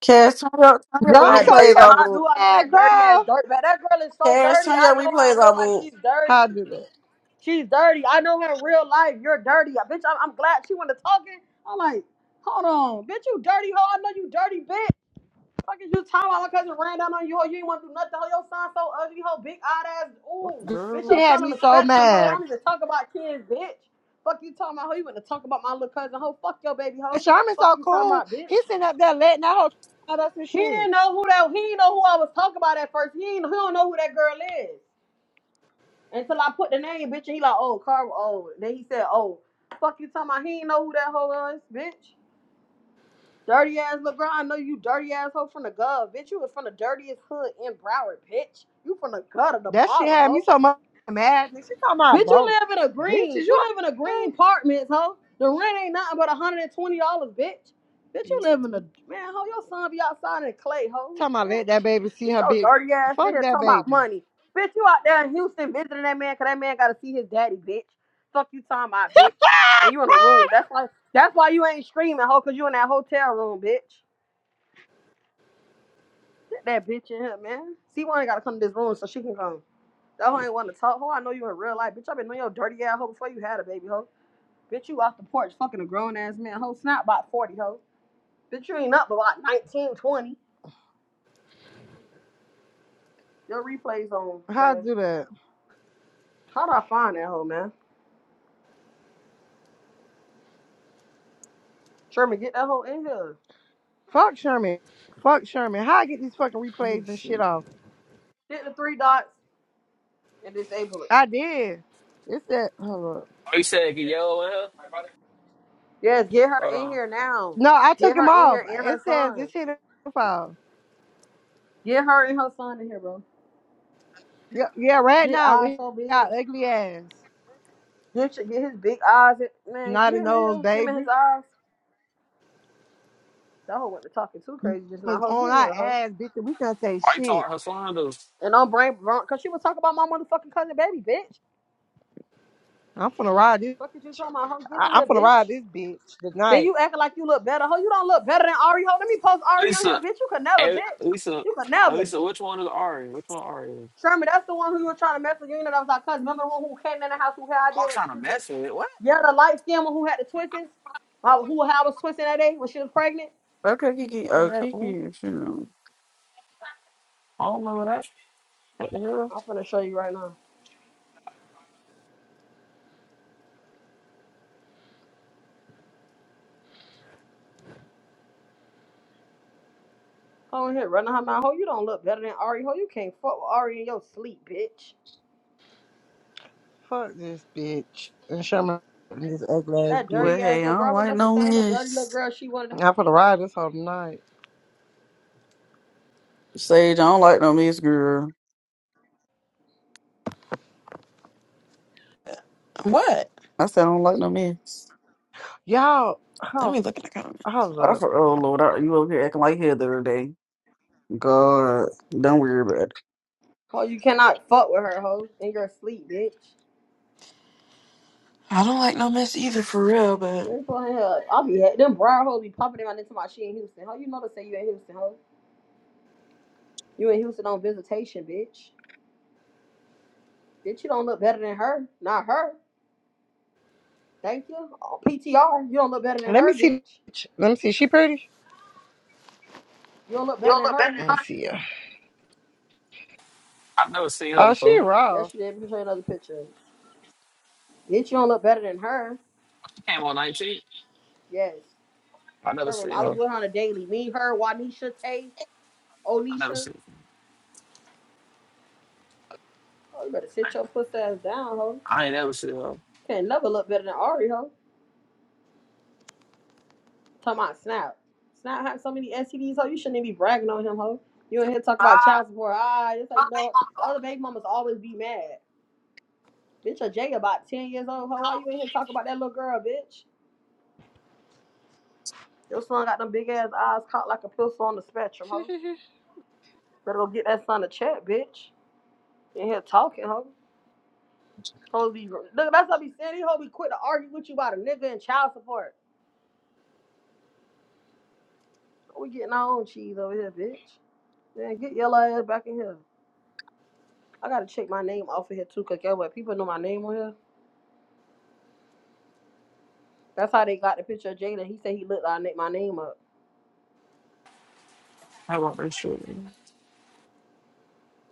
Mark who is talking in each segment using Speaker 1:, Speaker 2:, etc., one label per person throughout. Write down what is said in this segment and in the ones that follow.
Speaker 1: Cash, turn your, turn
Speaker 2: Girl,
Speaker 1: your
Speaker 2: I'm
Speaker 3: That
Speaker 2: so
Speaker 3: dirty
Speaker 1: replays
Speaker 3: ass.
Speaker 2: fucking
Speaker 1: on,
Speaker 3: I
Speaker 1: boo.
Speaker 3: knew I knew
Speaker 2: mad,
Speaker 3: that dirty ass
Speaker 2: girl.
Speaker 3: dirt. Man, that girl is so
Speaker 1: Cash,
Speaker 3: dirty.
Speaker 1: turn
Speaker 3: I
Speaker 1: your
Speaker 3: know her in
Speaker 1: replays
Speaker 3: real
Speaker 1: on,
Speaker 3: life.
Speaker 1: boo.
Speaker 3: She's
Speaker 2: How
Speaker 3: dirty.
Speaker 2: I do that?
Speaker 3: She's dirty. I know her in real life. You're dirty. Bitch, I'm, I'm glad she wanted to talking. I'm like, hold on. Bitch, you dirty hoe. I know you dirty bitch. Fuck is you talking about? My cousin ran down on you, hoe. You ain't want to do nothing, hoe. Your son so ugly, hoe. Big odd ass.
Speaker 1: What,
Speaker 3: Ooh.
Speaker 2: Girl,
Speaker 3: Bitch,
Speaker 2: she
Speaker 1: Girl,
Speaker 3: your
Speaker 2: had
Speaker 3: son on
Speaker 2: me
Speaker 3: the
Speaker 2: so
Speaker 3: spectrum, hoe. I
Speaker 2: mad.
Speaker 3: don't even talk about kids, bitch. Fuck you talking about, hoe. You want to talk about my little cousin, hoe. Fuck your baby,
Speaker 2: And
Speaker 3: hoe.
Speaker 2: Sherman's
Speaker 3: Fuck
Speaker 2: so
Speaker 3: you talking
Speaker 2: cool.
Speaker 3: about,
Speaker 2: He's
Speaker 3: bitch.
Speaker 2: sitting up there letting that whole out us and
Speaker 3: He didn't
Speaker 2: shit.
Speaker 3: know who that. He didn't know who I was talking about at first. He ain't, he don't know who that girl is until I put the name, bitch. And he like, oh, Carl. Oh, then he said, oh, fuck you talking about. He ain't know who that hoe is, bitch. Dirty ass LeGrand. I know you dirty ass hoe from the gov, bitch. You was from the dirtiest hood in Broward, bitch. You from the gut of the
Speaker 2: That shit
Speaker 3: bottom,
Speaker 2: had me
Speaker 3: hoe.
Speaker 2: so much mad. Nigga, She talking about
Speaker 3: Bitch, you
Speaker 2: broke.
Speaker 3: live in a
Speaker 2: bitches.
Speaker 3: green.
Speaker 2: you
Speaker 3: You live in a green
Speaker 2: okay?
Speaker 3: apartment, ho. The rent ain't nothing but one hundred and twenty dollars, bitch. Bitch, you
Speaker 1: this-
Speaker 3: live in a man, ho. Your son be outside in clay, ho.
Speaker 2: Talking about let that
Speaker 3: Bitch,
Speaker 2: baby see
Speaker 3: get
Speaker 2: her
Speaker 3: your
Speaker 2: big.
Speaker 3: dirty ass in
Speaker 2: Fuck
Speaker 3: here
Speaker 2: that
Speaker 3: talking about
Speaker 2: baby.
Speaker 3: money. Bitch, you out there in Houston visiting that man, cause that man gotta see his daddy, bitch. Fuck you talking about, bitch. And you in a room. That's why. That's why you ain't screaming, ho, cause you in that hotel room, bitch. Get that bitch in here, man. See, one ain't gotta come to this room so she can come. That hoe ain't want to talk, ho. I know you in real life, bitch. I been knowing your dirty ass ho, before you had a baby, ho. Bitch, you off the porch fucking a grown ass man. Ho, snap about 40, ho. Bitch, you ain't up but about 19 20. Your replay's on,
Speaker 2: How I
Speaker 3: Cash.
Speaker 2: do that?
Speaker 3: How'd I find that hoe, man? Sherman, get that hoe in here.
Speaker 2: Fuck Sherman. Fuck Sherman. How I get these fucking
Speaker 1: oh,
Speaker 2: replays and shit
Speaker 1: shoot.
Speaker 2: off?
Speaker 3: Hit the three dots and disable it.
Speaker 2: I did. It said, hold up.
Speaker 4: Oh, you said get yellow at her?
Speaker 3: Yes, get her
Speaker 4: Hold
Speaker 3: in
Speaker 4: on.
Speaker 3: here now.
Speaker 2: No, I took
Speaker 3: Get her
Speaker 2: him
Speaker 3: in
Speaker 2: off.
Speaker 3: here and
Speaker 2: It
Speaker 3: her
Speaker 2: says
Speaker 3: son.
Speaker 2: it's in the file.
Speaker 3: Get her and her son in here, bro.
Speaker 2: Yeah, yeah. Right
Speaker 3: Get
Speaker 2: now
Speaker 3: eyes
Speaker 2: we
Speaker 3: so big.
Speaker 2: got ugly ass,
Speaker 3: Get, your, get his big eyes. In, man, get
Speaker 2: snotty
Speaker 3: him in
Speaker 2: nose,
Speaker 3: here. Him and
Speaker 2: baby.
Speaker 3: his eyes. That hoe went to talking too crazy just now.
Speaker 2: Was
Speaker 3: hoe. get
Speaker 2: on
Speaker 3: in
Speaker 2: our
Speaker 3: here, hoe.
Speaker 2: ass, bitch. and We can't say
Speaker 4: Why you
Speaker 2: shit.
Speaker 4: talking her slime though?
Speaker 3: And don't bring, because she was talking about my motherfucking cousin baby, bitch.
Speaker 2: I'm finna ride this.
Speaker 3: Fuck is you talking about, ho? Get
Speaker 2: I,
Speaker 3: in
Speaker 2: I'm
Speaker 3: here,
Speaker 2: finna ride
Speaker 3: bitch.
Speaker 2: this bitch
Speaker 3: Then
Speaker 2: tonight.
Speaker 3: you acting like you look better, ho. You don't look better than Ari, ho. Let me post Ari on here,
Speaker 4: Lisa,
Speaker 3: bitch. You could never,
Speaker 4: eh,
Speaker 3: bitch.
Speaker 4: Lisa,
Speaker 3: You could never.
Speaker 4: Lisa, which one is Ari? Which one Ari is?
Speaker 3: Sherman, that's the one who you were trying to mess with. You know that was our cousin. Remember the one who came in the house who had I did
Speaker 4: I'm
Speaker 3: when
Speaker 4: trying to
Speaker 3: she,
Speaker 4: mess with it. What?
Speaker 3: yeah, the light skin one who had the twists. How, who how I was twisting that day when she was pregnant.
Speaker 1: Okay, Kiki.
Speaker 4: I don't
Speaker 1: Oh,
Speaker 4: remember that. one.
Speaker 1: Kiki, shoot.
Speaker 4: I don't remember that. What the hell?
Speaker 3: I'm finna show you right now. Ho in here, running her mouth, ho. You don't look better than Ari, ho. You can't fuck with Ari in your sleep, bitch.
Speaker 2: Fuck this bitch and show me this ugly ass
Speaker 3: That
Speaker 2: bitch.
Speaker 1: Well,
Speaker 3: dirty ass
Speaker 1: hey, I
Speaker 3: little girl. I
Speaker 1: don't
Speaker 3: remember
Speaker 1: like
Speaker 3: that's
Speaker 1: no
Speaker 3: the same little dirty little
Speaker 1: mess.
Speaker 3: girl she wanted. to-
Speaker 2: I'm finna ride this whole night.
Speaker 1: Sage, I don't like no mess, girl.
Speaker 5: What?
Speaker 1: I said I don't like no mess.
Speaker 2: Y'all,
Speaker 5: Let
Speaker 2: hold,
Speaker 5: me look at the comment.
Speaker 2: hold
Speaker 1: I
Speaker 2: up.
Speaker 1: for oh Lord, I, you over here acting like Heather the other day. God, don't worry about it.
Speaker 3: Ho, you cannot fuck with her, ho. In your sleep, bitch.
Speaker 5: I don't like no mess either, for real. But
Speaker 3: Very cool as hell. I'll be ha- them briar hoes be popping around into my she in Houston. How you know to say you in Houston, hoe? You in Houston on visitation, bitch. Bitch, you don't look better than her. Not her. Thank you. Oh, PTR, you don't look better than
Speaker 2: Let me
Speaker 3: her,
Speaker 2: see.
Speaker 3: bitch.
Speaker 2: Let me see. She pretty.
Speaker 3: You don't look better than her.
Speaker 2: Let me see her.
Speaker 4: I've never seen her
Speaker 2: Oh, she
Speaker 4: before.
Speaker 2: raw.
Speaker 3: Yes, you did. Let me show you another picture. Bitch, you don't look better than her.
Speaker 4: She came on 19.
Speaker 3: Yes.
Speaker 4: I never
Speaker 3: Sherman,
Speaker 4: seen
Speaker 3: I was
Speaker 4: her.
Speaker 3: with her on a daily. Me, her, Wanisha, Tay,
Speaker 4: I never
Speaker 3: Onisha.
Speaker 4: seen
Speaker 3: Oh, you better
Speaker 4: her.
Speaker 3: sit your puss ass down, hoe.
Speaker 4: I ain't never seen her.
Speaker 3: Can't never look better than Ari, hoe. Talking about Snap. Snap had so many STDs, ho. You shouldn't even be bragging on him, ho. You in here talk about child support. Ah, it's like, no, the other baby mamas always be mad. Bitch, your Jay about 10 years old, ho. Why you in here talking about that little girl, bitch? Your son got them big ass eyes caught like a pistol on the spectrum, ho. Better go get that son a check, bitch. in here talking, ho. Hoes be, look, that's how be saying. These hoes be quick to argue with you about a nigga and child support. We getting our own cheese over here, bitch. Man, get your ass back in here. I gotta check my name off of here too, cause guess what? People know my name on here. That's how they got the picture of Jada. He said he looked like I nicked my name up.
Speaker 4: How about this shit?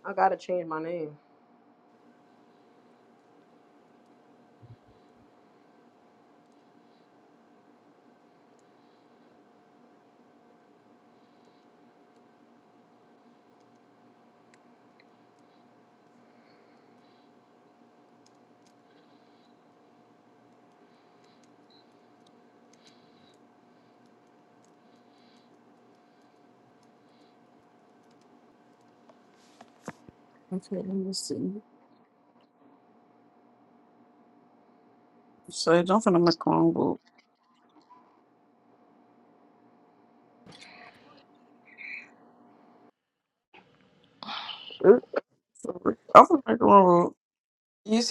Speaker 3: I gotta change my name.
Speaker 1: Okay, let me see. Sage, I'm finna make a wrong book. I'm finna make a wrong book.
Speaker 5: you see.